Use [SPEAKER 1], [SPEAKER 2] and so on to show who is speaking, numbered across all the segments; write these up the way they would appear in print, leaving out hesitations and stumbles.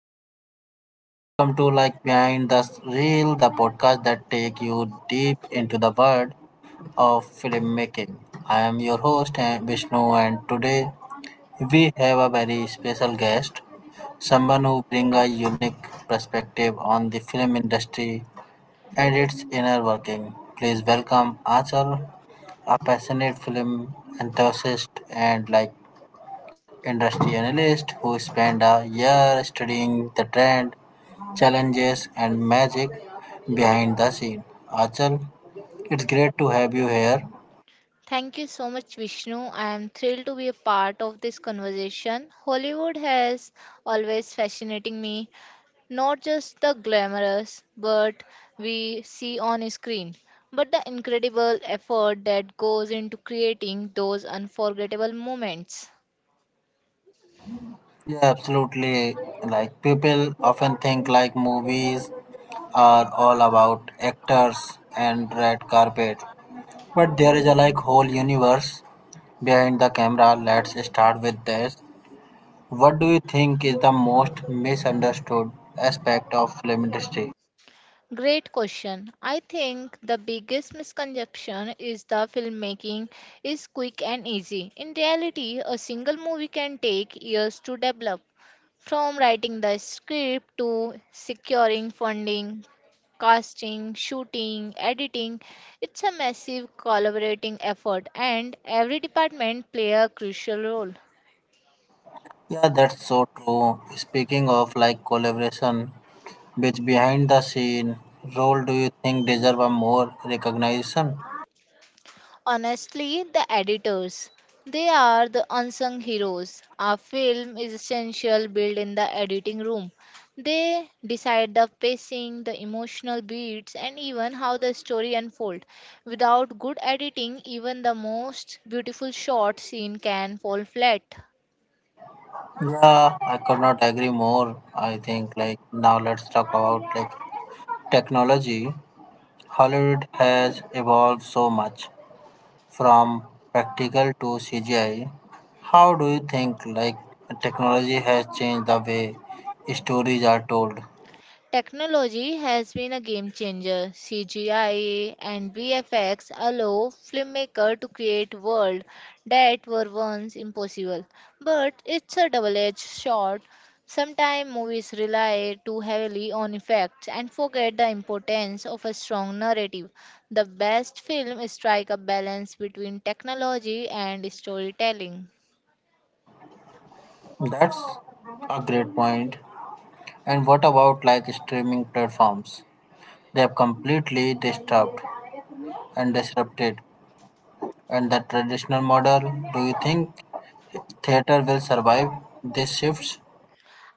[SPEAKER 1] everyone. Welcome to behind the reel, the podcast that take you deep into the world of filmmaking. I am your host Vishnu, and today we have a very special guest, someone who brings a unique perspective on the film industry and its inner working. Please welcome Achal, a passionate film enthusiast and industry analyst who spent a year studying the trend, challenges, and magic behind the scene. Achal, it's great to have you here.
[SPEAKER 2] Thank you so much, Vishnu. I am thrilled to be a part of this conversation. Hollywood has always fascinating me, not just the glamorous, but we see on screen, but the incredible effort that goes into creating those unforgettable moments.
[SPEAKER 1] Yeah, absolutely. People often think movies are all about actors and red carpet, but there is a whole universe behind the camera. Let's start with this. What do you think is the most misunderstood aspect of film industry?
[SPEAKER 2] Great question. I think the biggest misconception is the filmmaking is quick and easy. In reality, a single movie can take years to develop, from writing the script to securing funding, casting, shooting, editing. It's a massive collaborating effort, and every department play a crucial role.
[SPEAKER 1] Yeah, that's so true. Speaking of collaboration, which behind the scene role do you think deserve a more recognition?
[SPEAKER 2] Honestly, the editors. They are the unsung heroes. A film is essential built in the editing room. They decide the pacing, the emotional beats, and even how the story unfolds. Without good editing, even the most beautiful short scene can fall flat.
[SPEAKER 1] Yeah, I could not agree more. I think now let's talk about technology. Hollywood has evolved so much from practical to CGI. How do you think technology has changed the way stories are told?
[SPEAKER 2] Technology has been a game changer. CGI and VFX allow filmmakers to create worlds that were once impossible. But it's a double-edged sword. Sometimes movies rely too heavily on effects and forget the importance of a strong narrative. The best films strike a balance between technology and storytelling.
[SPEAKER 1] That's a great point. And what about streaming platforms? They have completely disrupted. And the traditional model, do you think theater will survive these shifts?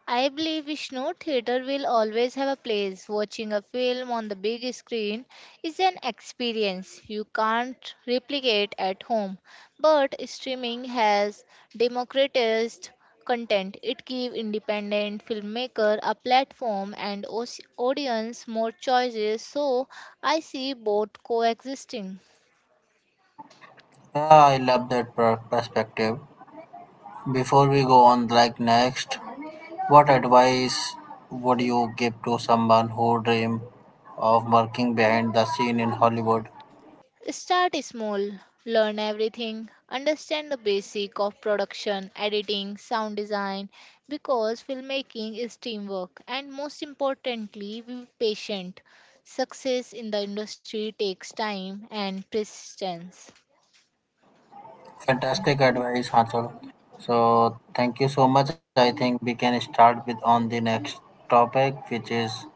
[SPEAKER 2] I believe Vishnu theater will always have a place. Watching a film on the big screen is an experience you can't replicate at home. But streaming has democratized content. It gives independent filmmaker a platform and audience more choices. So I see both coexisting.
[SPEAKER 1] Yeah, I love that perspective. Before we go on, next, what advice would you give to someone who dream of working behind the scene in Hollywood?
[SPEAKER 2] Start small, learn everything, understand the basic of production, editing, sound design because filmmaking is teamwork and most importantly be patient. Success in the industry takes time and persistence.
[SPEAKER 1] Fantastic advice, Hanchal. So thank you so much. I think we can start with on the next topic, which is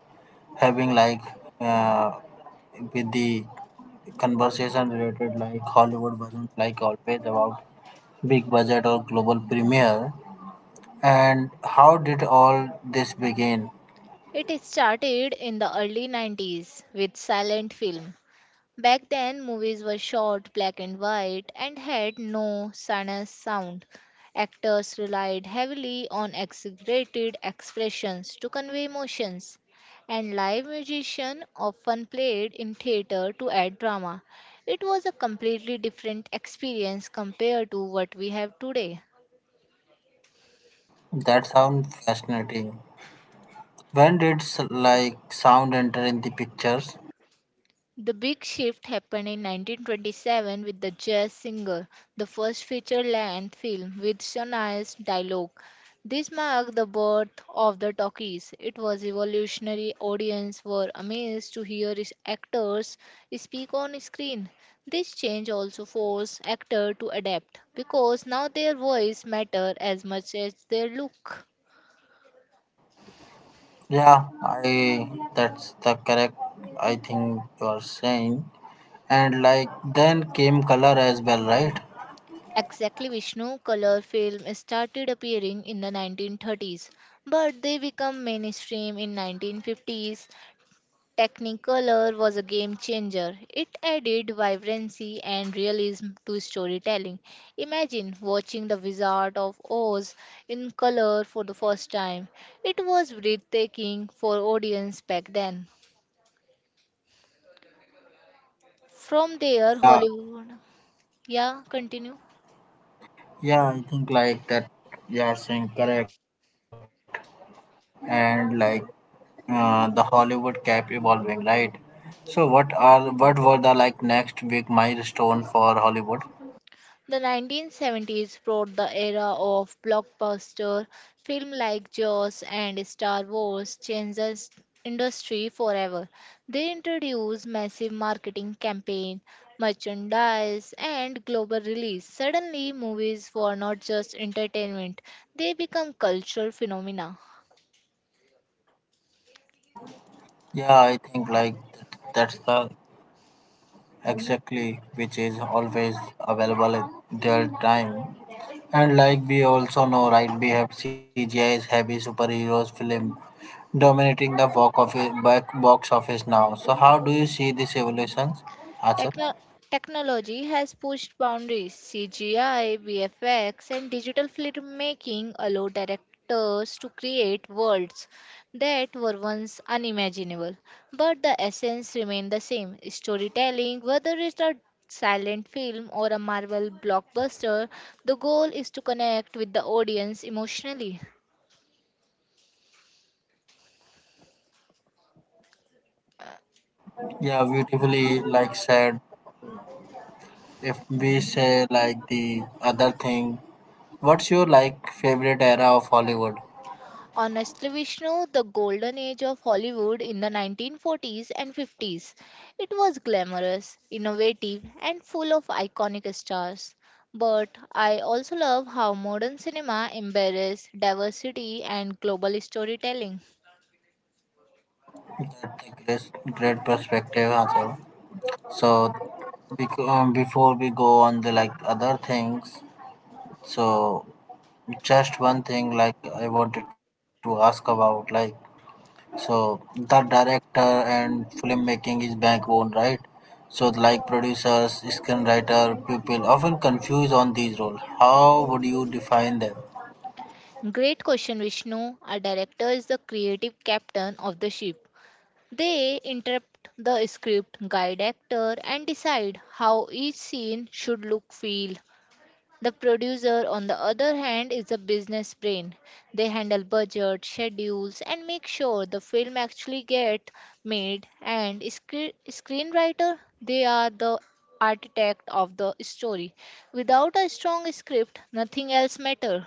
[SPEAKER 1] having uh, with the conversation related Hollywood wasn't always about big budget or global premiere. And how did all this begin?
[SPEAKER 2] It started in the early 90s with silent film. Back then, movies were short, black and white, and had no sinus sound. Actors relied heavily on exaggerated expressions to convey emotions, and live musicians often played in theater to add drama. It was a completely different experience compared to what we have today.
[SPEAKER 1] That sounds fascinating. When did sound enter in the pictures?
[SPEAKER 2] The big shift happened in 1927 with the jazz single, the first feature length film with Shania dialogue. This marked the birth of the talkies. It was revolutionary. Audience were amazed to hear actors speak on screen. This change also forced actors to adapt because now their voice matter as much as their look.
[SPEAKER 1] Yeah, I that's the correct I think you are saying. And like then came color as well, right?
[SPEAKER 2] Exactly, Vishnu, color film started appearing in the 1930s, but they become mainstream in 1950s. Technicolor was a game changer. It added vibrancy and realism to storytelling. Imagine watching The Wizard of Oz in color for the first time. It was breathtaking for audience back then. From there,
[SPEAKER 1] Yeah,
[SPEAKER 2] Hollywood. Yeah, continue.
[SPEAKER 1] yeah, I think that you are saying correct. And the Hollywood kept evolving, right? So what were the next big milestone for Hollywood?
[SPEAKER 2] The 1970s brought the era of blockbuster film like Jaws and Star Wars changed the industry forever. They introduced massive marketing campaign, merchandise and global release. Suddenly movies were not just entertainment, they become cultural phenomena.
[SPEAKER 1] Yeah, I think that's the exactly which is always available at their time, and we also know right we have cgi's heavy superheroes film dominating the box office now. So how do you see this evolutions, Achal?
[SPEAKER 2] Techno- technology has pushed boundaries. CGI, VFX, and digital filmmaking allow directors to create worlds that were once unimaginable. But the essence remains the same. Storytelling, whether it's a silent film or a Marvel blockbuster, the goal is to connect with the audience emotionally.
[SPEAKER 1] Yeah, beautifully said. If we say the other thing, what's your favorite era of Hollywood?
[SPEAKER 2] Honestly, Vishnu, the golden age of Hollywood in the 1940s and 50s. It was glamorous, innovative, and full of iconic stars. But I also love how modern cinema embraces diversity and global storytelling.
[SPEAKER 1] That's a great perspective, Achal. So, before we go on the other things, so just one thing I wanted to ask about so the director and filmmaking is backbone, right? So producers, screenwriter, people often confused on these roles. How would you define them?
[SPEAKER 2] Great question, Vishnu. A director is the creative captain of the ship. They interpret the script, guide actor, and decide how each scene should look, feel. The producer, on the other hand, is a business brain. They handle budget, schedules, and make sure the film actually gets made. And screenwriter, they are the architect of the story. Without a strong script, nothing else matters.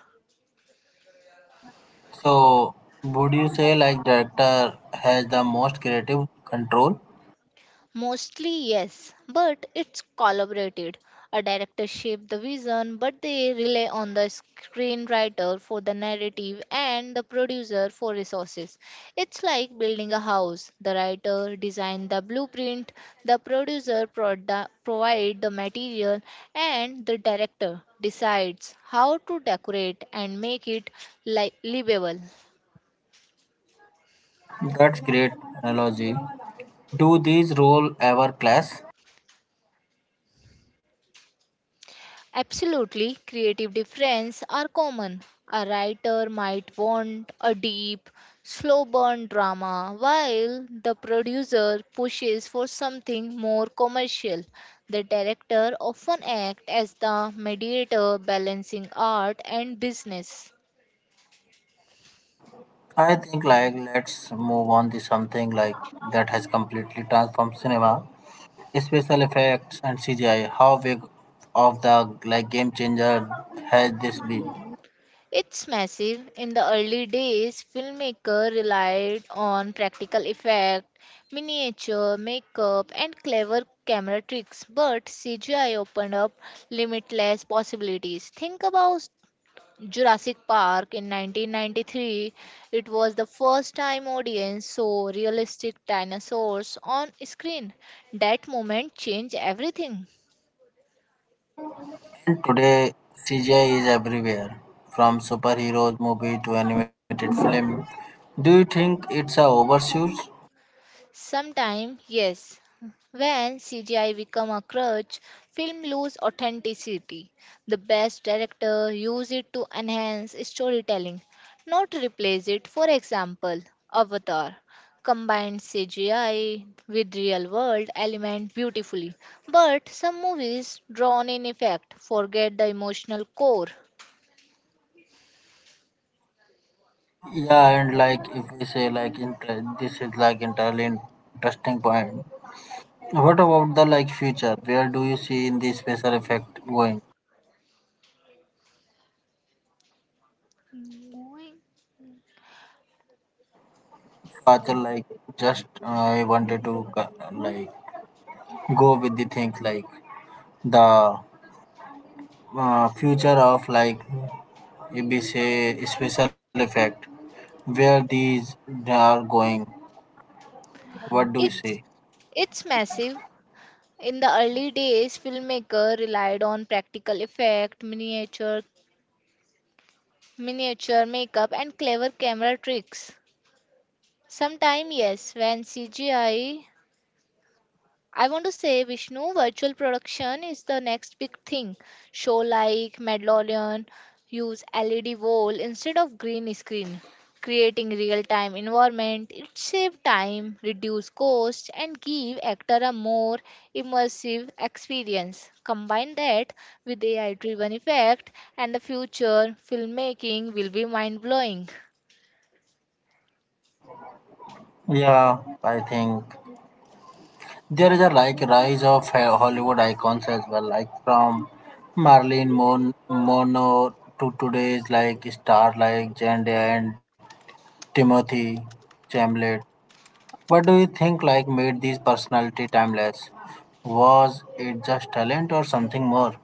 [SPEAKER 1] So would you say director has the most creative control?
[SPEAKER 2] Mostly, yes, but it's collaborated. A director shapes the vision, but they rely on the screenwriter for the narrative and the producer for resources. It's like building a house. The writer designs the blueprint, the producer provides provide the material, and the director decides how to decorate and make it livable.
[SPEAKER 1] That's great analogy. Do these roles ever clash?
[SPEAKER 2] Absolutely, creative difference are common. A writer might want a deep, slow burn drama, while the producer pushes for something more commercial. The director often acts as the mediator balancing art and business.
[SPEAKER 1] I think let's move on to something that has completely transformed cinema, special effects and CGI. How big of the game changer has this been?
[SPEAKER 2] It's massive. In the early days, filmmaker relied on practical effect, miniature, makeup, and clever camera tricks, but CGI opened up limitless possibilities. Think about Jurassic Park in 1993. It was the first time audience saw realistic dinosaurs on screen. That moment changed everything.
[SPEAKER 1] And today CGI is everywhere, from superheroes movie to animated film. Do you think it's a overuse?
[SPEAKER 2] Sometimes, yes. When CGI become a crutch, film lose authenticity. The best director use it to enhance storytelling, not replace it. For example, Avatar combined CGI with real world element beautifully, but some movies drawn in effect forget the emotional core.
[SPEAKER 1] Yeah, and like if we say this is entirely interesting point. What about the future? Where do you see in the special effect going? Father, just I wanted to go with the thing like the future of if we say special effect, where these they are going. What do you say?
[SPEAKER 2] It's it's massive. In the early days, filmmaker relied on practical effect, miniature makeup and clever camera tricks. Sometime, yes, when CGI, I want to say Vishnu, virtual production is the next big thing. Show like Mandalorian use LED wall instead of green screen, creating real-time environment. It save time, reduce cost, and give actor a more immersive experience. Combine that with AI-driven effect, and the future filmmaking will be mind-blowing.
[SPEAKER 1] Yeah, I think there is a rise of Hollywood icons as well, like from Mono to today's star like Zendaya and Timothy Chamlet. What do you think made this personality timeless? Was it just talent or something more?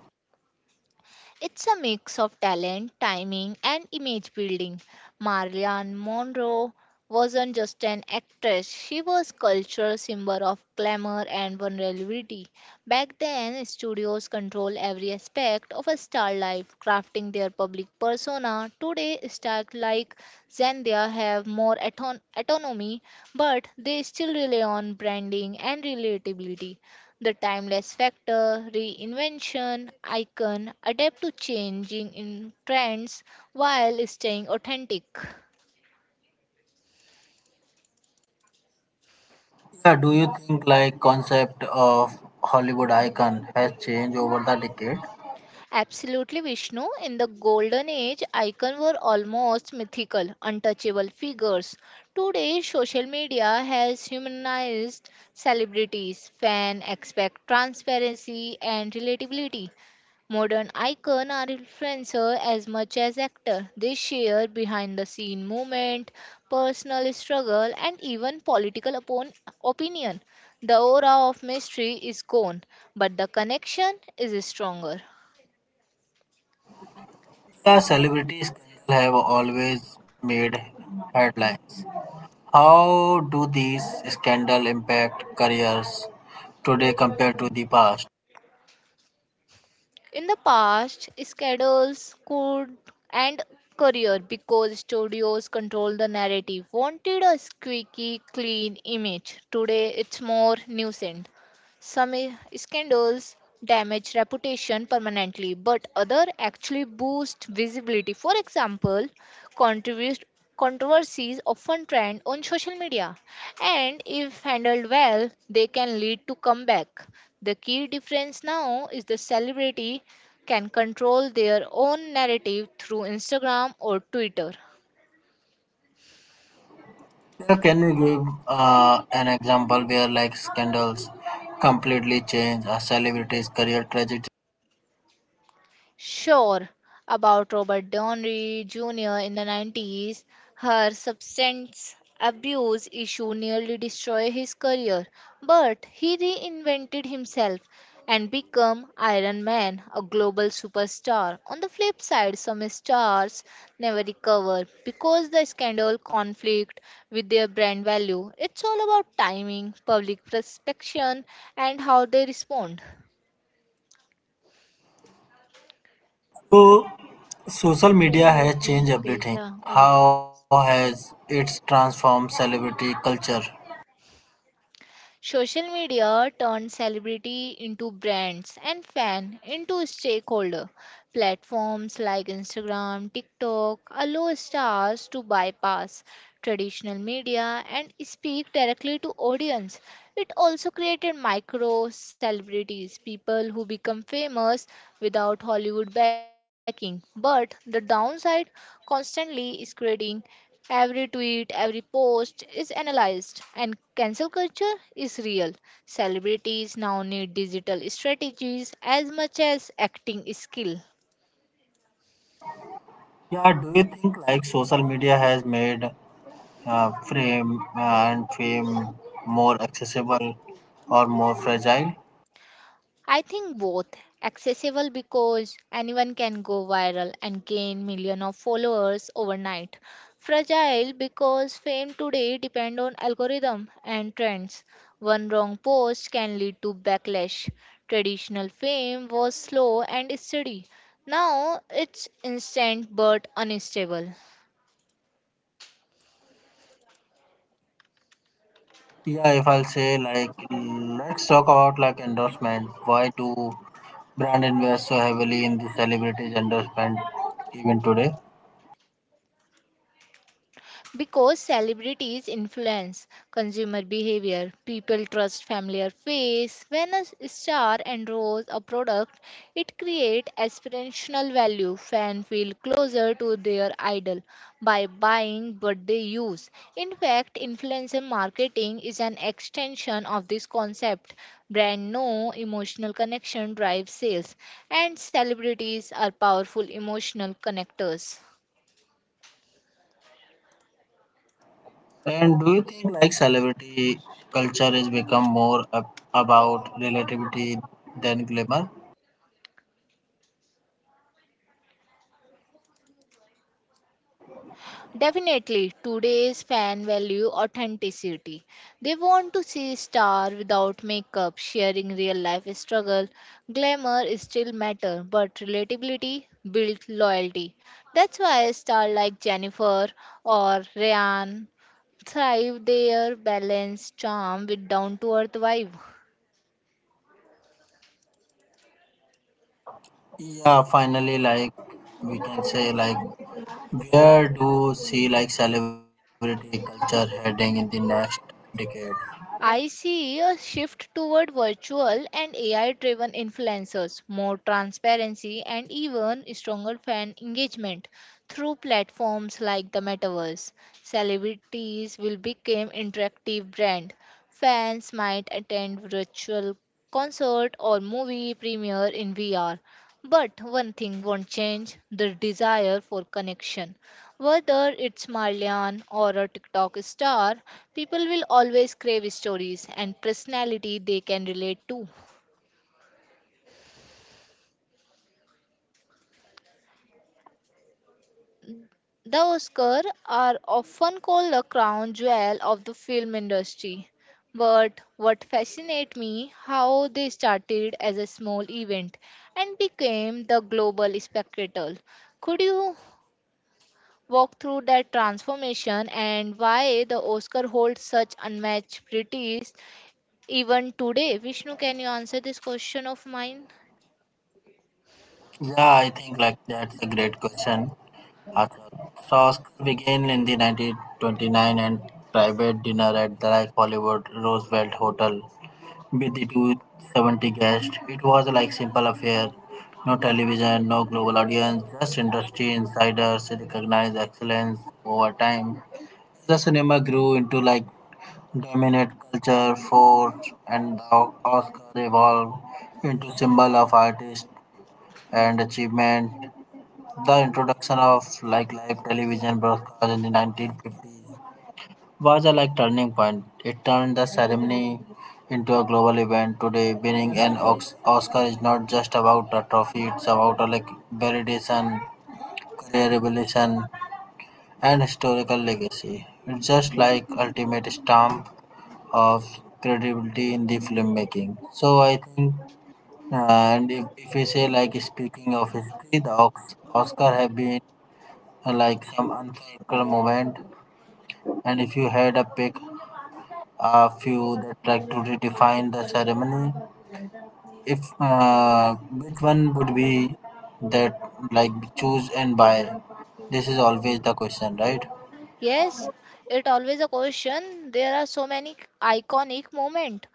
[SPEAKER 2] It's a mix of talent, timing, and image building. Marilyn Monroe wasn't just an actress, she was cultural symbol of glamour and vulnerability. Back then, studios controlled every aspect of a star life, crafting their public persona. Today, stars like Zendaya have more autonomy, but they still rely on branding and relatability. The timeless factor, reinvention, icon adapt to changing in trends while staying authentic.
[SPEAKER 1] Yeah, do you think concept of Hollywood icon has changed over the decade?
[SPEAKER 2] Absolutely, Vishnu. In the golden age, icons were almost mythical, untouchable figures. Today, social media has humanized celebrities. Fans expect transparency and relatability. Modern icon are influencer, as much as actor. They share behind the scene moment, personal struggle, and even political upon opinion. The aura of mystery is gone, but the connection is stronger.
[SPEAKER 1] Yeah, celebrities have always made headlines. How do these scandal impact careers today compared to the past?
[SPEAKER 2] In the past, schedules could end career because studios control the narrative, wanted a squeaky, clean image. Today, it's more nuisance. Some scandals damage reputation permanently, but other actually boost visibility. For example, controversies controversies often trend on social media and if handled well, they can lead to comeback. The key difference now is the celebrity can control their own narrative through Instagram or Twitter.
[SPEAKER 1] Yeah, can you give an example where scandals completely change a celebrity's career trajectory?
[SPEAKER 2] Sure, about Robert Downey Jr. in the 90s, her substance abuse issue nearly destroyed his career, but he reinvented himself and became Iron Man, a global superstar. On the flip side, some stars never recover because the scandal conflict with their brand value. It's all about timing, public perception, and how they respond.
[SPEAKER 1] So, social
[SPEAKER 2] ओए वो
[SPEAKER 1] media has
[SPEAKER 2] PS
[SPEAKER 1] changed
[SPEAKER 2] गई क्या.
[SPEAKER 1] everything.
[SPEAKER 2] ओए.
[SPEAKER 1] How has it transformed celebrity culture?
[SPEAKER 2] Social media turned celebrity into brands and fan into stakeholder. Platforms like Instagram, TikTok allow stars to bypass traditional media and speak directly to audience. It also created micro celebrities, people who become famous without Hollywood backing. But the downside constantly is creating. Every tweet, every post is analyzed, and cancel culture is real. Celebrities now need digital strategies as much as acting skill.
[SPEAKER 1] Yeah, do you think social media has made fame more accessible or more fragile?
[SPEAKER 2] I think both accessible because anyone can go viral and gain millions of followers overnight. Fragile because fame today depend on algorithm and trends. One wrong post can lead to backlash. Traditional fame was slow and steady. Now it's instant but unstable.
[SPEAKER 1] Yeah, if I'll say let's talk about endorsement. Why do brand invest so heavily in the celebrities endorsement even today?
[SPEAKER 2] Because celebrities influence consumer behavior. People trust familiar face. When a star endorses a product, it creates aspirational value. Fans feel closer to their idol by buying what they use. In fact, influencer marketing is an extension of this concept. Brand know emotional connection drives sales, and celebrities are powerful emotional connectors.
[SPEAKER 1] And do you think celebrity culture is become more about relativity than glamour?
[SPEAKER 2] Definitely, today's fan value authenticity. They want to see star without makeup, sharing real life struggle. Glamour is still matter, but relatability built loyalty. That's why a star like Jennifer or Ryan thrive their balanced charm with down to earth vibe.
[SPEAKER 1] Yeah, finally, we can say where do you see celebrity culture heading in the next decade?
[SPEAKER 2] I see a shift toward virtual and AI driven influencers, more transparency, and even stronger fan engagement through platforms like the metaverse. Celebrities will become interactive brand. Fans might attend virtual concert or movie premiere in VR. But one thing won't change the desire for connection. Whether it's Marlian or a TikTok star, people will always crave stories and personality they can relate to. The Oscars are often called the crown jewel of the film industry. But what fascinates me how they started as a small event and became the global spectacle. Could you walk through that transformation and why the Oscar holds such unmatched prestige even today, Vishnu? Can you answer this question of mine?
[SPEAKER 1] Yeah, I think that's a great question, Achal. So Oscar began in the 1929 and private dinner at the Hollywood Roosevelt Hotel with the 270 guests. It was like simple affair. No television, no global audience, just industry insiders recognized excellence over time. The cinema grew into dominant culture force, and the Oscar evolved into symbol of artist and achievement. The introduction of live television broadcast in the 1950s was a turning point. It turned the ceremony into a global event. Today, winning an Oscar is not just about a trophy; it's about a validation, career evolution, and historical legacy. It's just ultimate stamp of credibility in the filmmaking. So I think, and if we say speaking of history, the Oscar have been some unforgettable moment. And if you had a pick a few that to redefine the ceremony. If which one would be that choose and buy? This is always the question, right?
[SPEAKER 2] Yes, it always a question. There are so many iconic moment.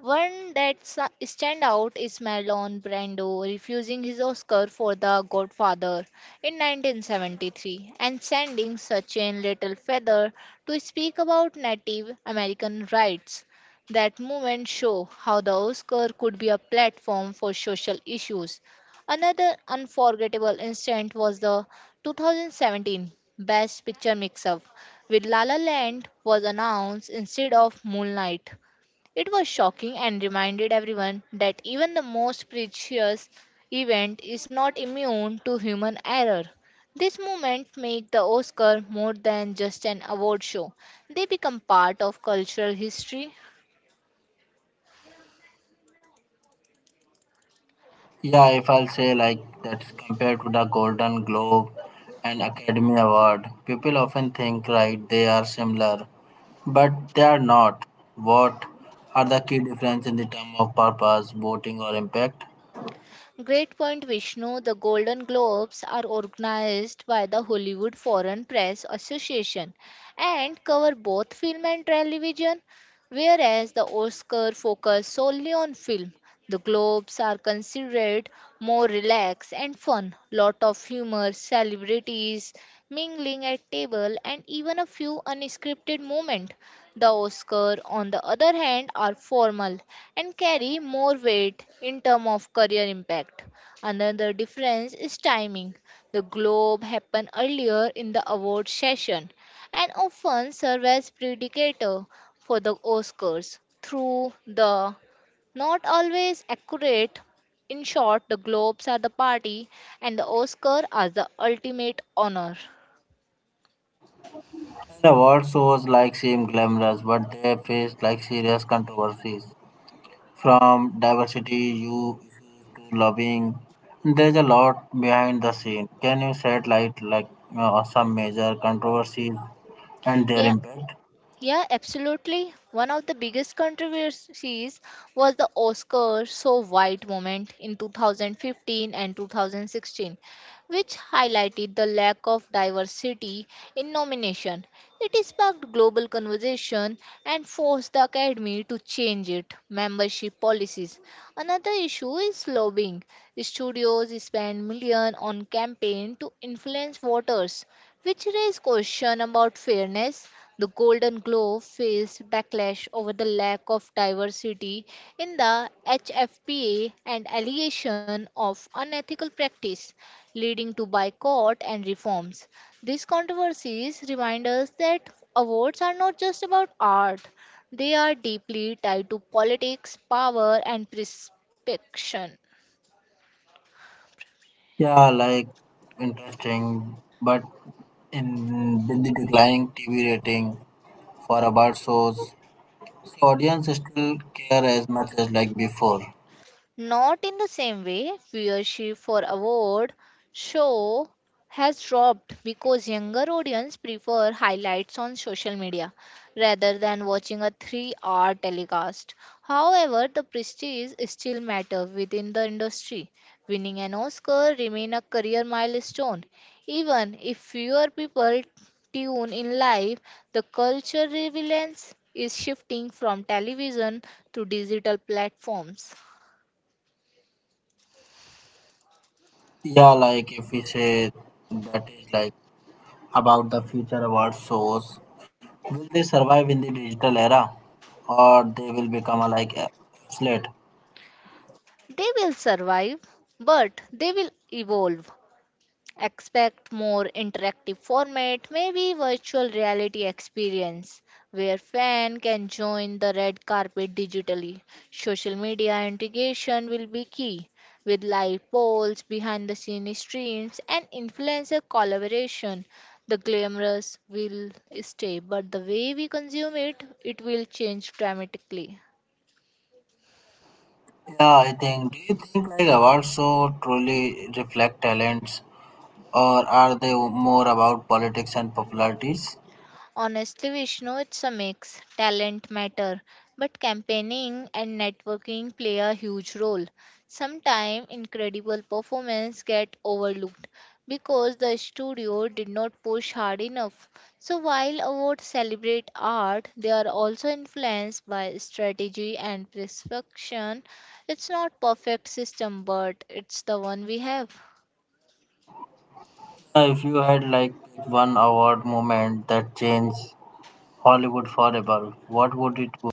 [SPEAKER 2] One that stand out is Marlon Brando refusing his Oscar for The Godfather in 1973 and sending Sachin Little Feather to speak about Native American rights. That moment show how the Oscar could be a platform for social issues. Another unforgettable instant was the 2017 Best Picture mix-up with La La Land was announced instead of Moonlight. It was shocking and reminded everyone that even the most precious event is not immune to human error. This movement made the Oscar more than just an award show. They become part of cultural history.
[SPEAKER 1] Yeah, if I'll say that's compared to the Golden Globe and Academy Award, people often think right they are similar, but they are not. What are the key difference in the term of purpose, voting, or impact?
[SPEAKER 2] Great point, Vishnu. The Golden Globes are organized by the Hollywood Foreign Press Association and cover both film and television, whereas the Oscar focus solely on film. The Globes are considered more relaxed and fun. Lot of humor, celebrities mingling at table, and even a few unscripted moments. The Oscar, on the other hand, are formal and carry more weight in terms of career impact. Another difference is timing. The Globe happen earlier in the award session and often serve as predictor for the Oscars through the not always accurate. In short, the Globes are the party and the Oscar are the ultimate honor.
[SPEAKER 1] Their award shows seem glamorous, but they faced serious controversies, from diversity you issues to lobbying. There's a lot behind the scene. Can you shed light some major controversies and their
[SPEAKER 2] Yeah,
[SPEAKER 1] impact?
[SPEAKER 2] yeah, absolutely. One of the biggest controversies was the Oscar so white moment in 2015 and 2016, which highlighted the lack of diversity in nomination. It sparked global conversation and forced the Academy to change its membership policies. Another issue is lobbying. Studios spend millions on campaign to influence voters, which raise question about fairness. The Golden Globe faced backlash over the lack of diversity in the HFPA and allegation of unethical practice, leading to boycott and reforms. These controversies remind us that awards are not just about art; they are deeply tied to politics, power, and perception.
[SPEAKER 1] Yeah, interesting, but in with the declining TV rating for award shows, so audience still care as much as before.
[SPEAKER 2] Not in the same way, viewership for award show has dropped because younger audience prefer highlights on social media rather than watching a 3-hour telecast. However, the prestige still matter within the industry. Winning an Oscar remain a career milestone. Even if fewer people tune in live, the culture relevance is shifting from television to digital platforms.
[SPEAKER 1] Yeah, if we say that is about the future award shows. Will they survive in the digital era, or they will become obsolete?
[SPEAKER 2] They will survive, but they will evolve. Expect more interactive format, maybe virtual reality experience, where fan can join the red carpet digitally. Social media integration will be key, with live polls, behind the scene streams, and influencer collaboration. The glamorous will stay, but the way we consume it, it will change dramatically.
[SPEAKER 1] Yeah, I think. Do you think awards show truly reflect talents, or are they more about politics and popularities?
[SPEAKER 2] Honestly, Vishnu, it's a mix. Talent matter, but campaigning and networking play a huge role. Sometimes incredible performance get overlooked because the studio did not push hard enough. So while awards celebrate art, they are also influenced by strategy and prescription. It's not perfect system, but it's the one we have.
[SPEAKER 1] If you had one award moment that changed Hollywood forever, what would it be?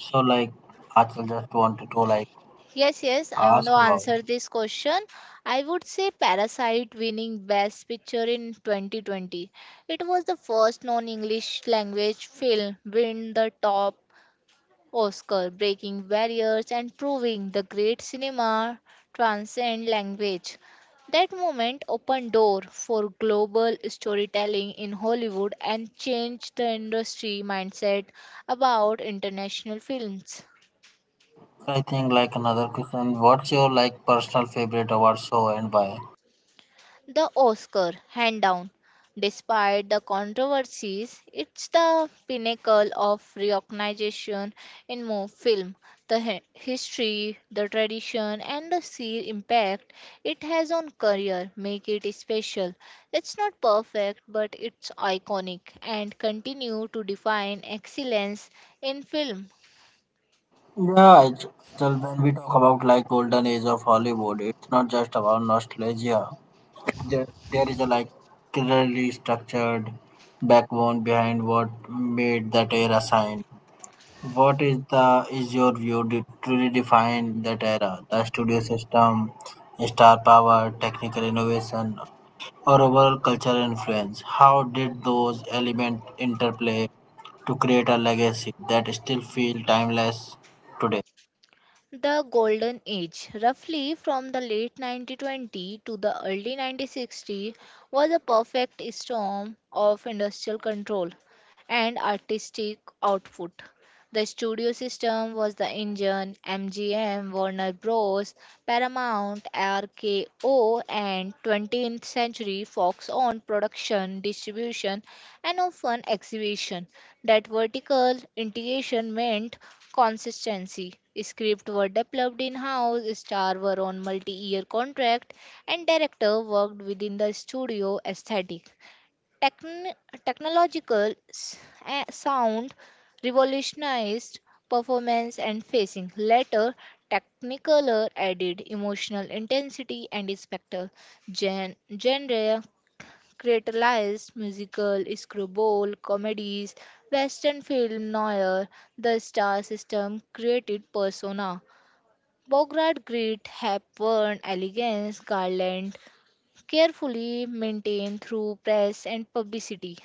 [SPEAKER 1] So I just wanted to
[SPEAKER 2] Yes, yes, I want to
[SPEAKER 1] ask about.
[SPEAKER 2] answer this question. I would say Parasite winning Best Picture in 2020. It was the first non English language film win the top Oscar, breaking barriers and proving the great cinema transcend language. That moment opened door for global storytelling in Hollywood and changed the industry mindset about international films.
[SPEAKER 1] I think another question. What's your personal favorite award show and why?
[SPEAKER 2] The Oscar, hand down. Despite the controversies, it's the pinnacle of recognition in film. The history, the tradition, and the sheer impact it has on career make it special. It's not perfect, but it's iconic and continue to define excellence in film.
[SPEAKER 1] Yeah, well, when we talk about golden age of Hollywood, it's not just about nostalgia. There is a clearly structured backbone behind what made that era shine. What is the is your view to truly define that era? The studio system, star power, technical innovation, or overall cultural influence. How did those elements interplay to create a legacy that still feels timeless today.
[SPEAKER 2] The Golden Age, roughly from the late 1920 to the early 1960, was a perfect storm of industrial control and artistic output. The studio system was the engine, MGM, Warner Bros., Paramount, RKO, and 20th Century Fox on production, distribution, and often exhibition. That vertical integration meant consistency. Scripts were developed in house, stars were on multi year contract, and director worked within the studio aesthetic. Techn- technological s- Sound revolutionized performance and facing. Later, Technicolor added emotional intensity and spectacle. Genre Creatalized musical, screwball comedies, western film noir, the star system created persona. Bogart grit, hepburn elegance, Garland carefully maintained through press and publicity.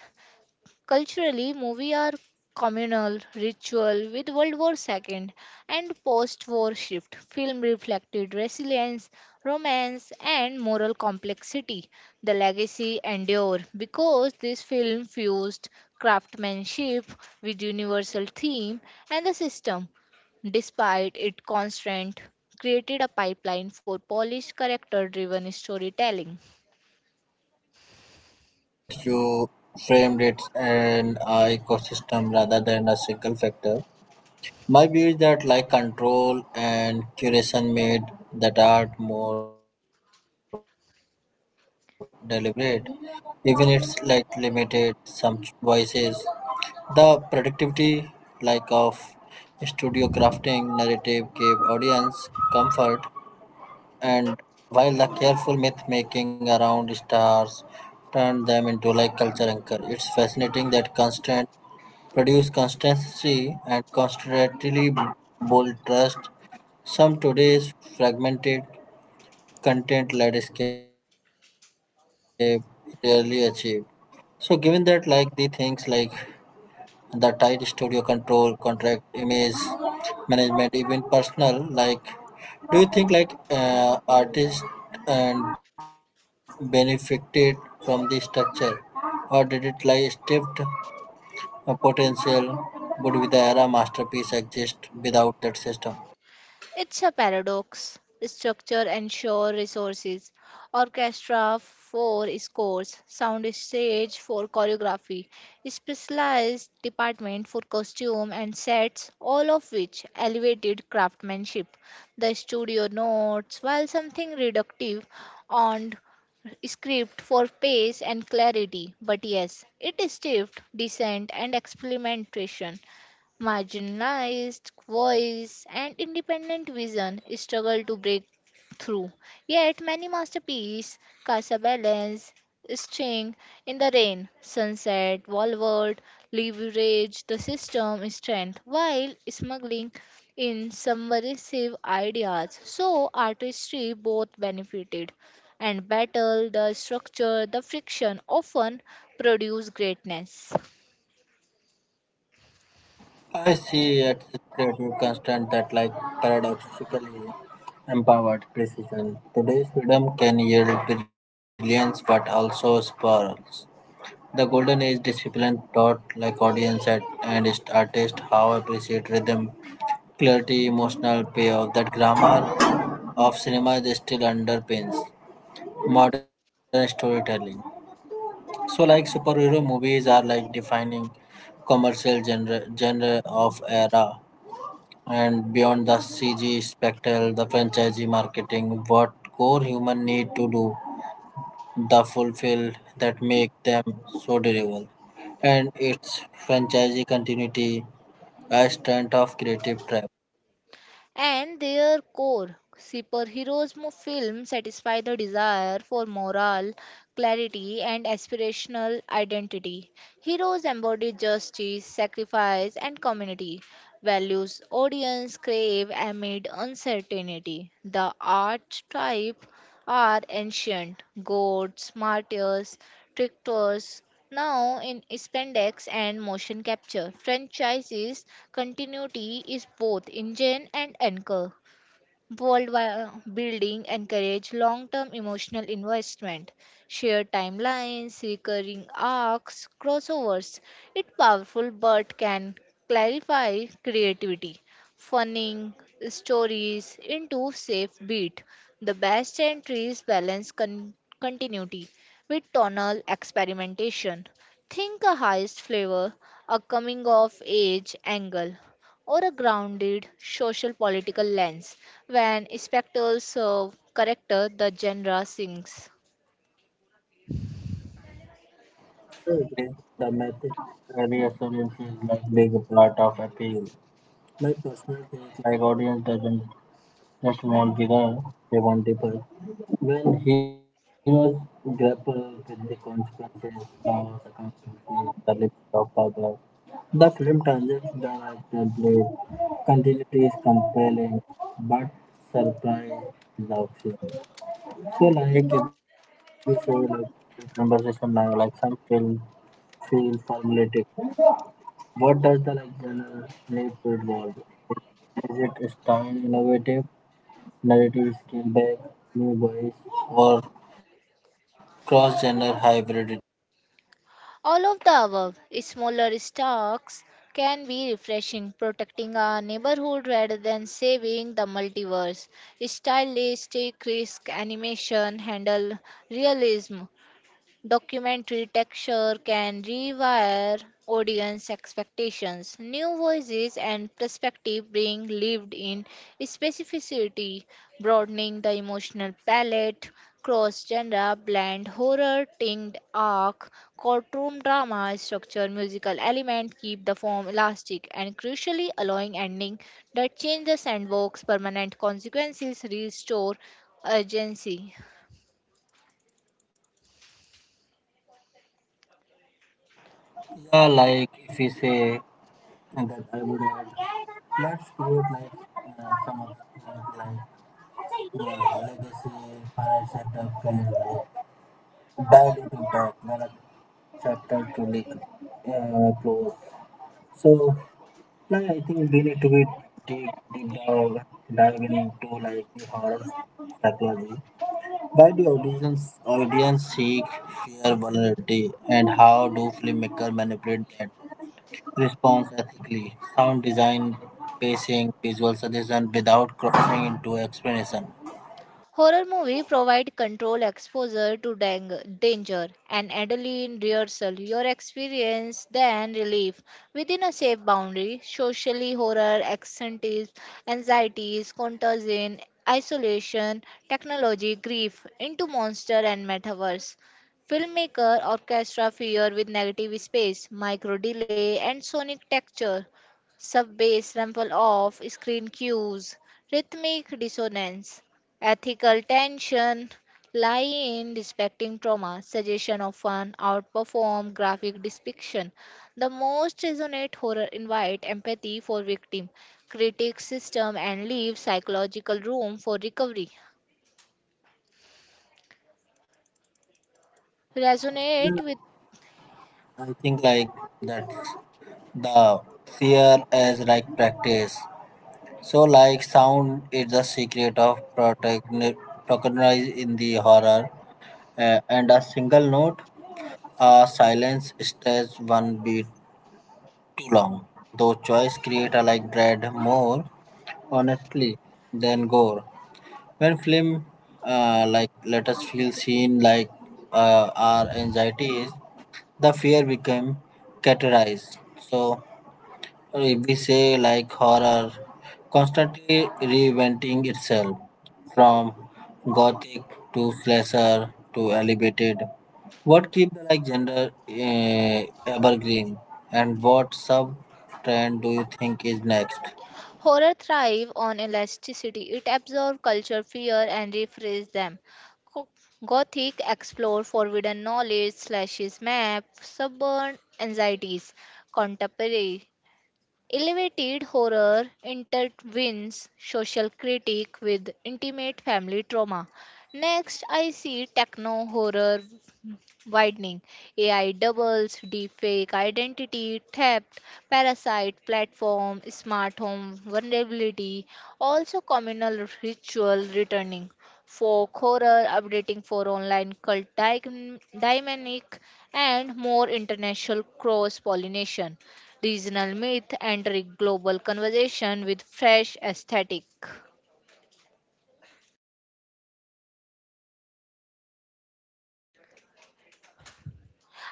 [SPEAKER 2] Culturally, movies are communal ritual with World War II and post-war shift. Film reflected resilience, romance, and moral complexity. The legacy endure because this film fused craftsmanship with universal theme and the system, despite its constraint, created a pipeline for polished character driven storytelling.
[SPEAKER 1] I appreciate you framed it an ecosystem rather than a single factor. My view is that control and curation made that art more deliberate. Even it's limited some voices. The productivity like of studio crafting narrative gave audience comfort, and while the careful myth making around stars turned them into culture anchor, it's fascinating that constant produce constancy and constantly bold trust some today's fragmented content landscape rarely achieved. So given that the things like the tight studio control, contract, image management, even personal. Do you think artists and benefited from this structure, or did it stripped a potential? Would be the era masterpiece exist without that system?
[SPEAKER 2] It's a paradox. Structure ensure resources. Orchestra for scores, soundstage for choreography, specialized department for costume and sets, all of which elevated craftsmanship. The studio notes, while something reductive, on script for pace and clarity, but yes, it is stiff, decent, and experimentation marginalized voice and independent vision struggle to break through. Yet many masterpieces cast a balance string in the rain, sunset, wallward, leverage the system strength while smuggling in subversive ideas. So artistry both benefited and battle the structure, the friction often produce greatness.
[SPEAKER 1] I see it's a creative constant that paradoxically empowered precision. Today's freedom can yield brilliance but also spirals. The Golden Age discipline taught audience at and his artists how appreciate rhythm, clarity, emotional payoff that grammar of cinema is still underpins modern storytelling. So, superhero movies are defining commercial genre, genre of era, and beyond the CG spectacle, the franchise marketing, what core human need to do the fulfilled that make them so durable, and its franchisee continuity a strength of creative trap.
[SPEAKER 2] And their core. Superheroes film satisfy the desire for moral clarity and aspirational identity. Heroes embody justice, sacrifice, and community values audience crave amid uncertainty. The archetype are ancient gods, martyrs, tractors now in spandex and motion capture. Franchise's continuity is both engine and anchor. Worldwide building encourage long-term emotional investment, shared timelines, recurring arcs, crossovers. It's powerful but can clarify creativity, funning stories into safe beat. The best entries balance continuity with tonal experimentation. Think a heist flavor, a coming of age angle, or a grounded social political lens when spectacles serve character, the genre sinks.
[SPEAKER 1] So again, the method reassurance is big part of appeal. My personal take audience doesn't just want vigor, they want people. When heroes grapple with the consequences, laws, accountability, the limits of power, the film transits the right blade. Continuity is compelling, but surprise is the oxygen. So, like if we say, like the conversation now, some film feel formulaic. What does the genre need to evolve? Is it style innovative? Narrative scale back, new voice, or cross genre hybrid.
[SPEAKER 2] All of the above, smaller stocks can be refreshing, protecting our neighborhood rather than saving the multiverse. Stylistic risk animation handle realism documentary texture can rewire audience expectations. New voices and perspective bring lived in specificity, broadening the emotional palette. Cross genre blend horror, tinged arc, courtroom drama structure, musical element keep the form elastic and crucially allowing ending that change the sandbox permanent consequences restore urgency.
[SPEAKER 1] Yeah, if we say that I would add, let's create some other things legacy, final setup, and bad impact when a chapter to close. So, like I think we need to be deep, deep down, diving into like the horror psychology. Why do audience seek fear vulnerability, and how do filmmakers manipulate that response ethically? Sound design, pacing, visual suggestion without crossing into explanation.
[SPEAKER 2] Horror movies provide control exposure to danger and adrenaline rehearsal. Your experience then relief within a safe boundary. Socially, horror anxieties, contagion, isolation, technology, grief into monster and metaverse. Filmmaker orchestra fear with negative space, micro delay, and sonic texture sub bass rumble off screen cues rhythmic dissonance ethical tension lie in respecting trauma. Suggestion often outperform graphic depiction. The most resonant horror invite empathy for victim, critic system, and leave psychological room for recovery. Resonate with
[SPEAKER 1] I think like that's the fear as like practice. So like sound is the secret of protagonist in the horror, and a single note, a silence stays one beat too long, though choice a like Dread more honestly than gore. When film like Let Us Feel Seen like our anxieties, the fear became categorized. So we say like horror constantly reinventing itself from gothic to slasher to elevated, what keep the like gender evergreen, and what sub trend do you think is next?
[SPEAKER 2] horror thrive on elasticity. It absorbs culture fear and reframes them. Go- Gothic explore forbidden knowledge, slashes map, suburban anxieties, contemporary elevated horror intertwines social critique with intimate family trauma. Next, I see techno horror, widening. AI doubles, deepfake, identity, theft, parasite, platform, smart home, vulnerability, also communal ritual returning. Folk horror updating for online cult dynamic and more international cross pollination. Regional myth entering global conversation with fresh aesthetic.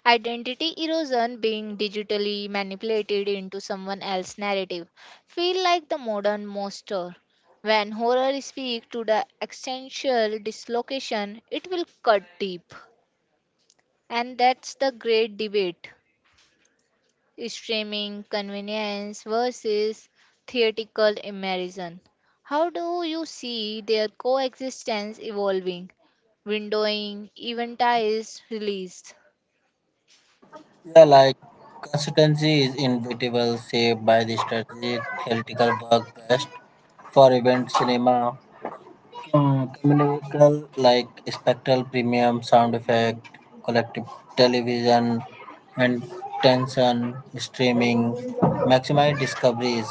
[SPEAKER 2] Identity erosion being digitally manipulated into someone else's narrative. Feel like the modern monster. When horror speaks to the existential dislocation, it will cut deep. And that's the great debate. Streaming convenience versus theatrical immersion. How do you see their coexistence evolving? Windowing, eventized release.
[SPEAKER 1] Yeah, like consistency is inevitable saved by the strategy. Theoretical work best for event cinema. Comedical like spectral premium sound effect, collective television, and tension streaming, maximize discoveries,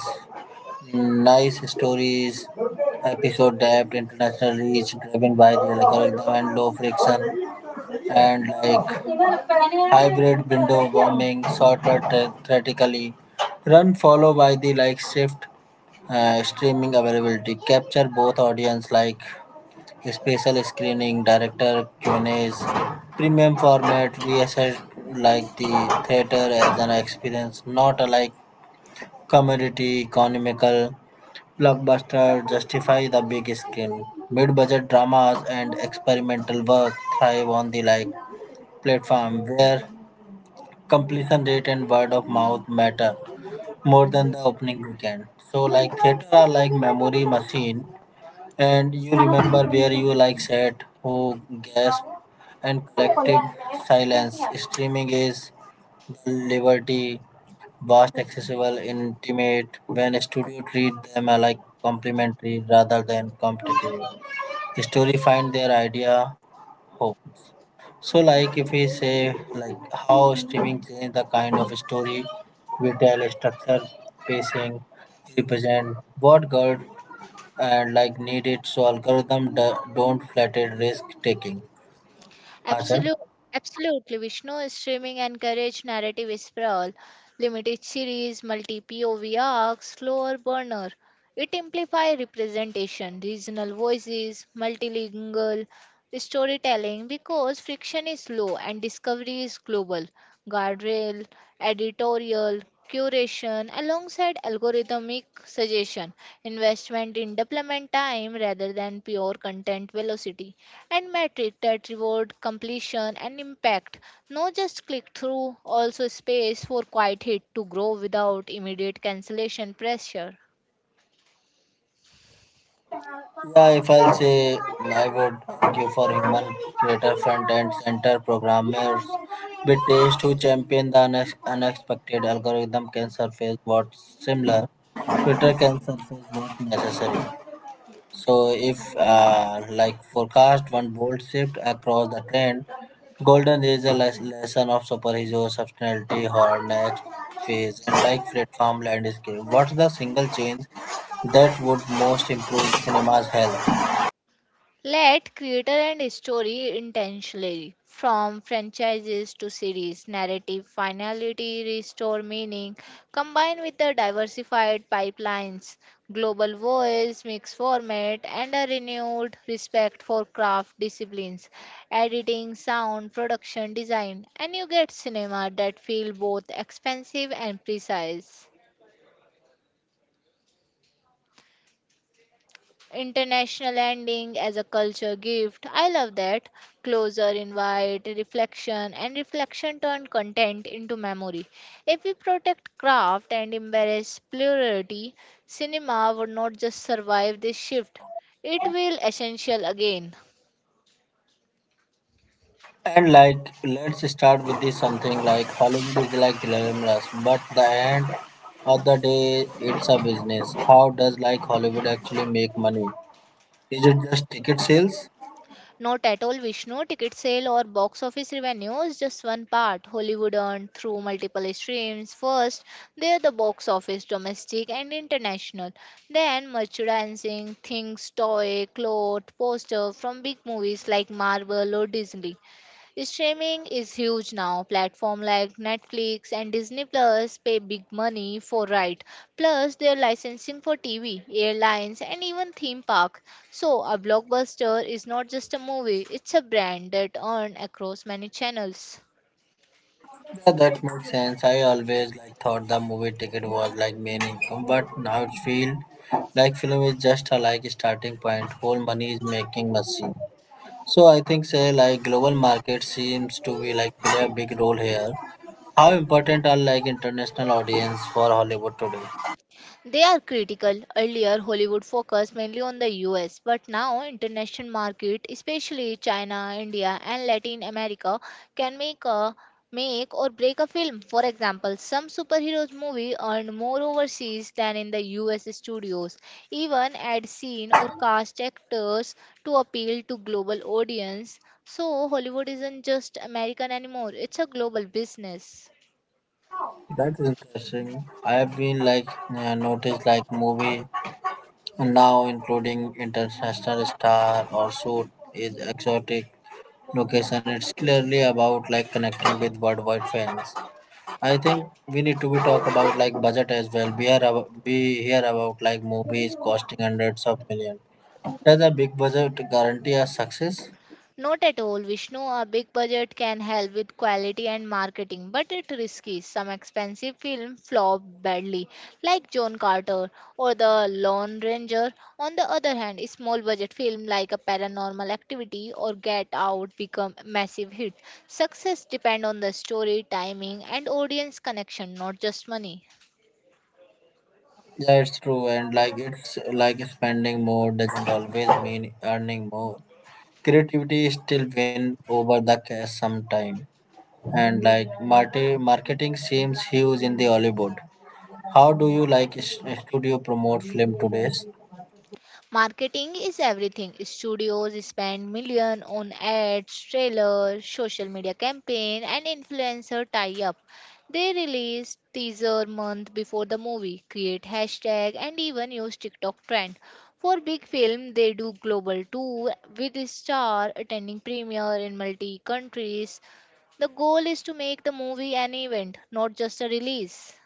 [SPEAKER 1] nice stories, episode depth, international reach driven by the algorithm and low friction, and like hybrid window warming, shorter theoretically, run follow by the like shift streaming availability, capture both audience like special screening, director Q&As, premium format. We assess like the theater as an experience, not a like commodity. Economical blockbuster justify the big screen. Mid-budget dramas and experimental work thrive on the like platform where completion rate and word of mouth matter more than the opening weekend. So like theater are like memory machine, and you remember where you like sat, who gasped, and collective silence. Streaming is the liberty, vast, accessible, intimate. When a studio treat them like complementary rather than competitive, story find their idea homes. So, like if we say like how streaming changed the kind of story we tell, structure, pacing, represent, what God, and like need it so algorithm do, don't flatter risk taking, Achal?
[SPEAKER 2] Absolute, Absolutely, Vishnu, streaming encourage narrative sprawl, limited series, multi POV arcs, slower burner. It amplifies representation, regional voices, multilingual storytelling because friction is low and discovery is global. Guardrail, editorial, curation alongside algorithmic suggestion, investment in development time rather than pure content velocity, and metric that reward completion and impact. Not just click through, also space for quiet hit to grow without immediate cancellation pressure.
[SPEAKER 1] Yeah, if I'll say, I would argue for human creator front end center programmers with taste who champion the unexpected. Algorithm can surface what's similar, Twitter can surface what's necessary. So if like forecast one bold shift across the trend, Golden is a lesson of superhero substantiality, her next phase, and like platform landscape, what's the single change that would most improve cinema's health?
[SPEAKER 2] Let creator and story intentionally, from franchises to series, narrative finality, restore meaning, combined with the diversified pipelines, global voice, mixed format, and a renewed respect for craft disciplines, editing, sound, production, design, and you get cinema that feel both expensive and precise. International ending as a culture gift. I love that. Closer invite, reflection, and reflection turn content into memory. If we protect craft and embrace plurality, cinema would not just survive this shift, it will essential again.
[SPEAKER 1] And like, let's start with this something like Hollywood is like glamorous, but the end of the day, it's a business. How does like Hollywood actually make money? Is it just ticket sales?
[SPEAKER 2] Not at all, Vishnu. Ticket sale or box office revenue is just one part. Hollywood earned through multiple streams. First, they are the box office, domestic and international. Then, merchandising, things, toy, cloth, poster from big movies like Marvel or Disney. Streaming is huge now. Platform like Netflix and Disney Plus pay big money for right. Plus their licensing for TV, airlines and even theme park. So a blockbuster is not just a movie, it's a brand that earn across many channels.
[SPEAKER 1] Yeah, that makes sense. I always like thought the movie ticket was like main income, but now it feels like film is just a like starting point. Whole money is making machine. So I think say like global market seems to be like play a big role here. How important are like international audience for Hollywood today?
[SPEAKER 2] They are critical. Earlier, Hollywood focused mainly on the US, but now international market, especially China, India, and Latin America, can make a make or break a film. For example, some superheroes movie earned more overseas than in the US studios. Even ad scene or cast actors to appeal to global audience. So Hollywood isn't just American anymore. It's a global business.
[SPEAKER 1] That is interesting. I have been like noticed like movie now including international star or suit is exotic location. It's clearly about like connecting with worldwide fans. I think we need to be talk about like budget as well. We hear about like movies costing hundreds of million. Does a big budget guarantee a success?
[SPEAKER 2] Not at all, Vishnu. A big budget can help with quality and marketing, but it's risky. Some expensive films flop badly, like John Carter or The Lone Ranger. On the other hand, small budget films like A Paranormal Activity or Get Out become massive hit. Success depends on the story, timing, and audience connection, not just money.
[SPEAKER 1] Yeah, it's true, and like it's like spending more doesn't always mean earning more. Creativity still win over the cash sometime, and like marketing seems huge in the Hollywood. How do you like studio promote film today?
[SPEAKER 2] Marketing is everything. Studios spend million on ads, trailers, social media campaign and influencer tie-up. They release teaser month before the movie, create hashtag and even use TikTok trend. For big film, they do global tour with star attending premiere in multi countries. The goal is to make the movie an event, not just a release.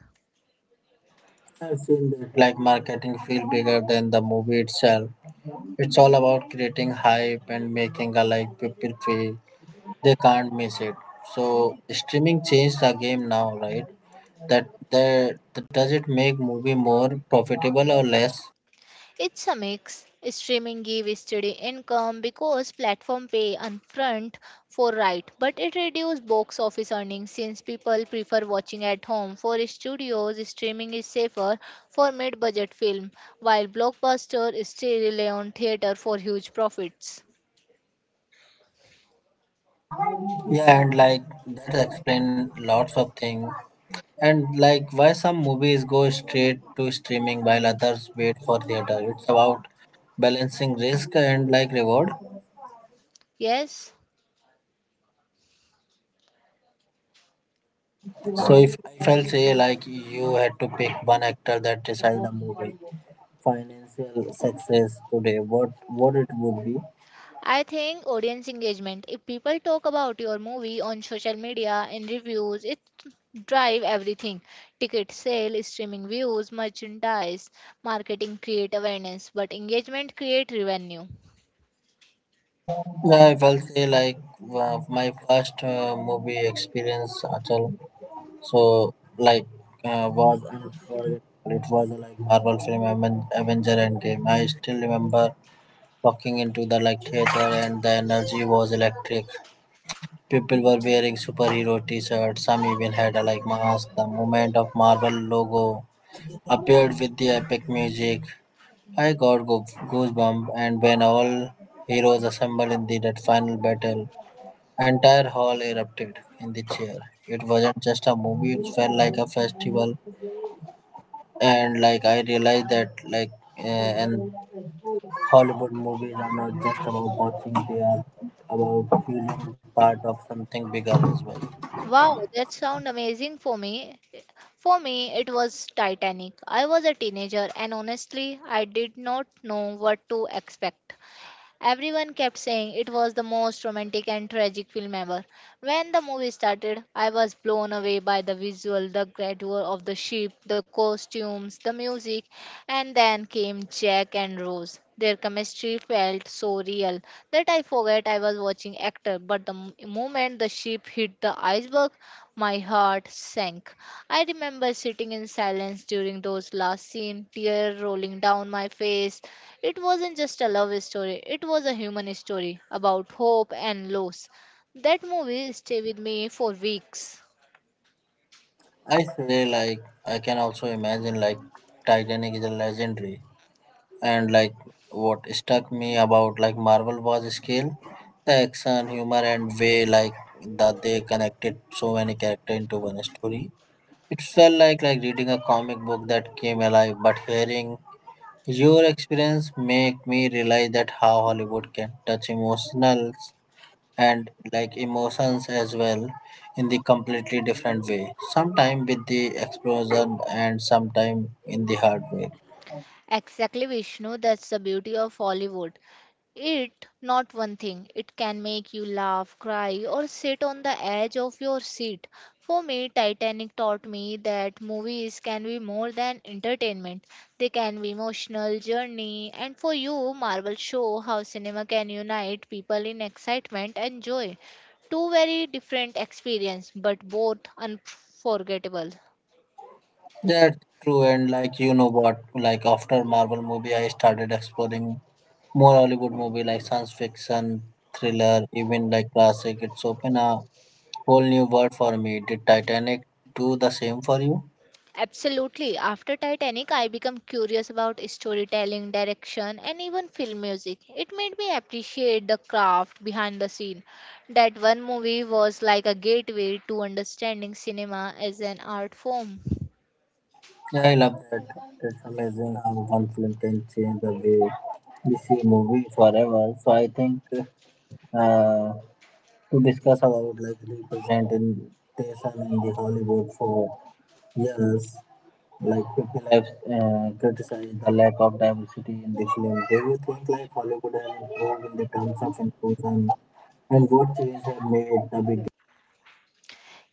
[SPEAKER 1] I feel that like marketing feel bigger than the movie itself. It's all about creating hype and making a like people feel they can't miss it. So streaming changed the game now, right? That does it make movie more profitable or less?
[SPEAKER 2] It's a mix. Streaming give steady income because platform pay upfront for right, but it reduces box office earnings since people prefer watching at home. For studios, streaming is safer for mid-budget film, while blockbuster still rely on theater for huge profits.
[SPEAKER 1] Yeah, and like that explain lots of things. And like why some movies go straight to streaming while others wait for theater. It's about balancing risk and like reward.
[SPEAKER 2] Yes.
[SPEAKER 1] So if I'll say like you had to pick one actor that decide the movie financial success today, what it would be?
[SPEAKER 2] I think audience engagement. If people talk about your movie on social media in reviews, it drive everything ticket sale streaming views merchandise marketing create awareness but engagement create revenue.
[SPEAKER 1] Yeah, if I'll say like my first movie experience, Achal. So like was unforgettable. It was like Marvel film Avenger Endgame. I still remember walking into the like theater, and the energy was electric. People were wearing superhero t-shirts, some even had a like mask. The moment of Marvel logo appeared with the epic music, I got goosebumps, and when all heroes assembled in the that final battle, entire hall erupted in the cheer. It wasn't just a movie, it felt like a festival, and like I realized that like uh, and Hollywood movies are not just about watching, they are about feeling part of something bigger as well.
[SPEAKER 2] Wow, that sound amazing. For me, for me it was Titanic. I was a teenager and honestly I did not know what to expect. Everyone kept saying it was the most romantic and tragic film ever. When the movie started, I was blown away by the visual, the grandeur of the ship, the costumes, the music, and then came Jack and Rose. Their chemistry felt so real that I forgot I was watching actor, but the moment the ship hit the iceberg, my heart sank. I remember sitting in silence during those last scene, tear rolling down my face, it wasn't just a love story, it was a human story about hope and loss. That movie stayed with me for weeks.
[SPEAKER 1] I say like I can also imagine like Titanic is a legendary, and like what struck me about like Marvel was scale, the action, humor, and way like that they connected so many characters into one story. It felt like reading a comic book that came alive, but hearing your experience make me realize that how Hollywood can touch emotionals and like emotions as well in the completely different way, sometime with the explosion and sometime in the heartbreak.
[SPEAKER 2] Exactly, Vishnu, that's the beauty of Hollywood. It not one thing. It can make you laugh, cry, or sit on the edge of your seat. For me, Titanic taught me that movies can be more than entertainment. They can be emotional journey, and for you, Marvel show how cinema can unite people in excitement and joy. Two very different experience, but both unforgettable.
[SPEAKER 1] That's true, and like you know what, like after Marvel movie, I started exploring more Hollywood movie, like science fiction, thriller, even like classic. It's open a whole new world for me. Did Titanic do the same for you?
[SPEAKER 2] Absolutely. After Titanic, I became curious about storytelling, direction, and even film music. It made me appreciate the craft behind the scene. That one movie was like a gateway to understanding cinema as an art form.
[SPEAKER 1] Yeah, I love that. It's amazing how one film can change the way we see movie forever. So I think uh, to discuss about like representation in the Hollywood for years. Like people have criticized the lack of diversity in the film. Do you think like Hollywood has improved in the terms of inclusion, and what changes have made the big?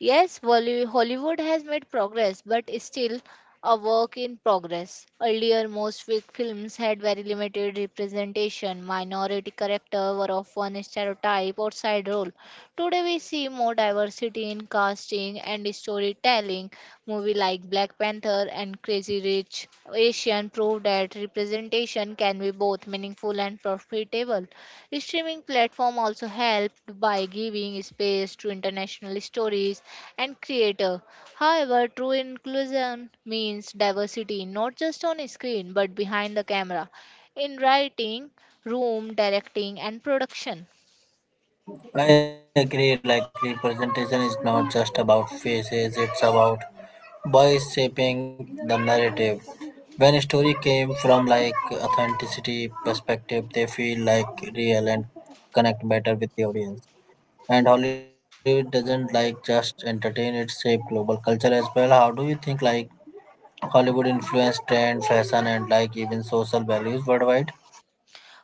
[SPEAKER 2] Yes, Hollywood has made progress, but is still a work in progress. Earlier, most films had very limited representation. Minority characters were often a stereotype or side role. Today, we see more diversity in casting and storytelling. Movies like Black Panther and Crazy Rich Asian prove that representation can be both meaningful and profitable. Streaming platform also helped by giving space to international stories and creator. However, true inclusion means diversity not just on screen but behind the camera, in writing, room, directing and production.
[SPEAKER 1] I agree. Like representation is not just about faces; it's about by shaping the narrative. When a story came from like authenticity perspective, they feel like real and connect better with the audience. And Hollywood doesn't like just entertain; it shape global culture as well. How do you think like Hollywood influence trend, fashion, and like even social values worldwide?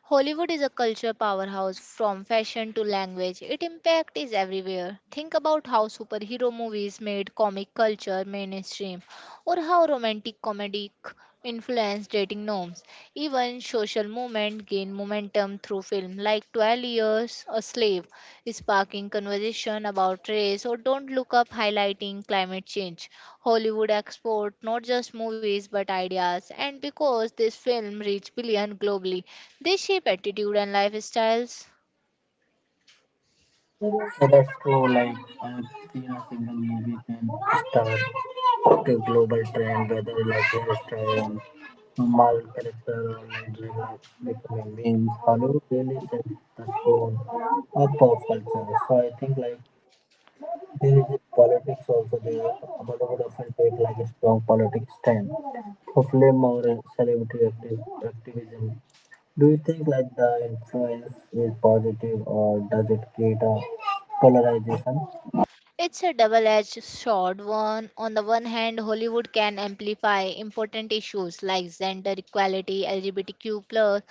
[SPEAKER 2] Hollywood is a culture powerhouse from fashion to language. Its impact is everywhere. Think about how superhero movies made comic culture mainstream, or how romantic influenced dating norms. Even social movement gained momentum through film like 12 Years a Slave, sparking conversation about race or Don't Look Up highlighting climate change. Hollywood export not just movies but ideas and because this film reached billion globally, they shape attitude and lifestyles.
[SPEAKER 1] Yeah, that's true. Like I've seen a single movie can start the global trend, whether like hairstyle and mal character or like relax becoming memes. Hollywood really set the tone of pop culture. So I think like there is a politics also there. Hollywood often take like a strong politics stand. So film or celebrity activism, do you think like the influence is positive, or does it create a polarization?
[SPEAKER 2] It's a double edged sword. One, on the one hand, Hollywood can amplify important issues like gender equality, LGBTQ plus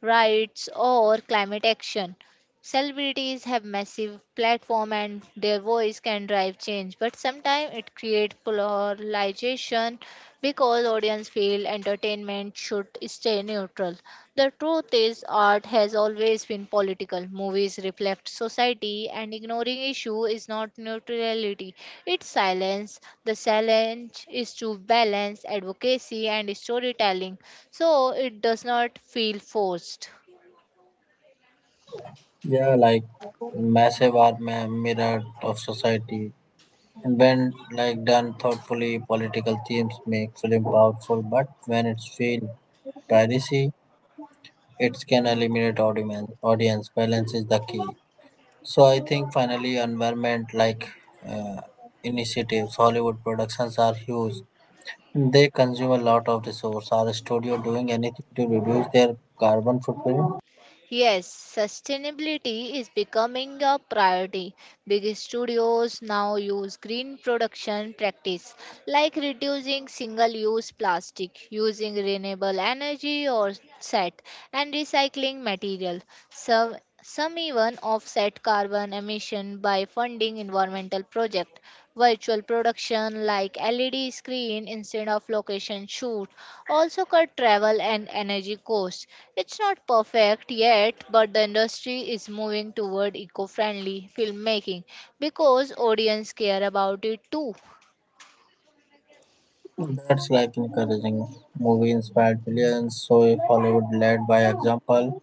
[SPEAKER 2] rights, or climate action. Celebrities have massive platform and their voice can drive change, but sometimes it creates polarization because audience feel entertainment should stay neutral. The truth is art has always been political. Movies reflect society and ignoring issue is not neutrality. It's silence. The challenge is to balance advocacy and storytelling so it does not feel forced.
[SPEAKER 1] Yeah, like massive art mirror of society. And when like done thoughtfully, political themes make film powerful. But when it's feel piracy, it can eliminate audience. Audience balance is the key. So I think finally, environment like uh, initiatives, Hollywood productions are huge. They consume a lot of resource. Are studio doing anything to reduce their carbon footprint?
[SPEAKER 2] Yes, sustainability is becoming a priority. Big studios now use green production practice like reducing single-use plastic, using renewable energy or set, and recycling material. Some, some even offset carbon emission by funding environmental projects. Virtual production like LED screen instead of location shoot also cut travel and energy costs. It's not perfect yet, but the industry is moving toward eco-friendly filmmaking because audience care about it too.
[SPEAKER 1] That's like encouraging. Movie inspired billions, so if Hollywood led by example,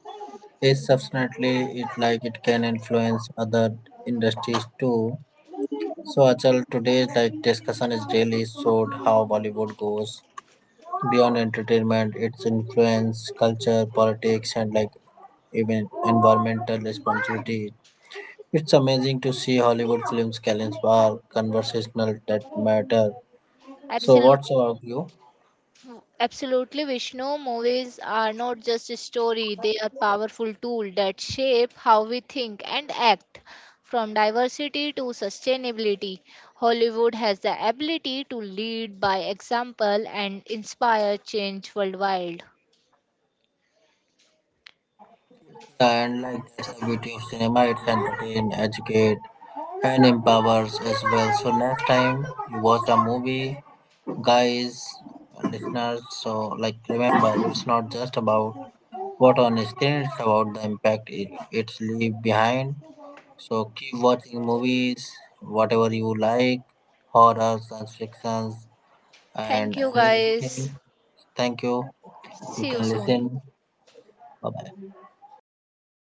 [SPEAKER 1] is substantially it like it can influence other industries too. So Achal, today's like discussion is really showed how Bollywood goes beyond entertainment, its influence, culture, politics, and like even environmental responsibility. It's amazing to see Hollywood films challenge for conversational that matter. So, what's your view?
[SPEAKER 2] Absolutely, Vishnu. Movies are not just a story, they are powerful tools that shape how we think and act. From diversity to sustainability, Hollywood has the ability to lead by example and inspire change worldwide.
[SPEAKER 1] And like that's the beauty of cinema. It's entertain, educate, and empowers as well. So next time you watch a movie, guys, listeners. So like remember, it's not just about what on screen. It's about the impact it it's leave behind. So keep watching movies, whatever you like, horror, science fictions,
[SPEAKER 2] Thank
[SPEAKER 1] and
[SPEAKER 2] you, guys.
[SPEAKER 1] anything. Thank you. You
[SPEAKER 2] See you
[SPEAKER 1] can
[SPEAKER 2] soon.
[SPEAKER 1] listen. Bye bye.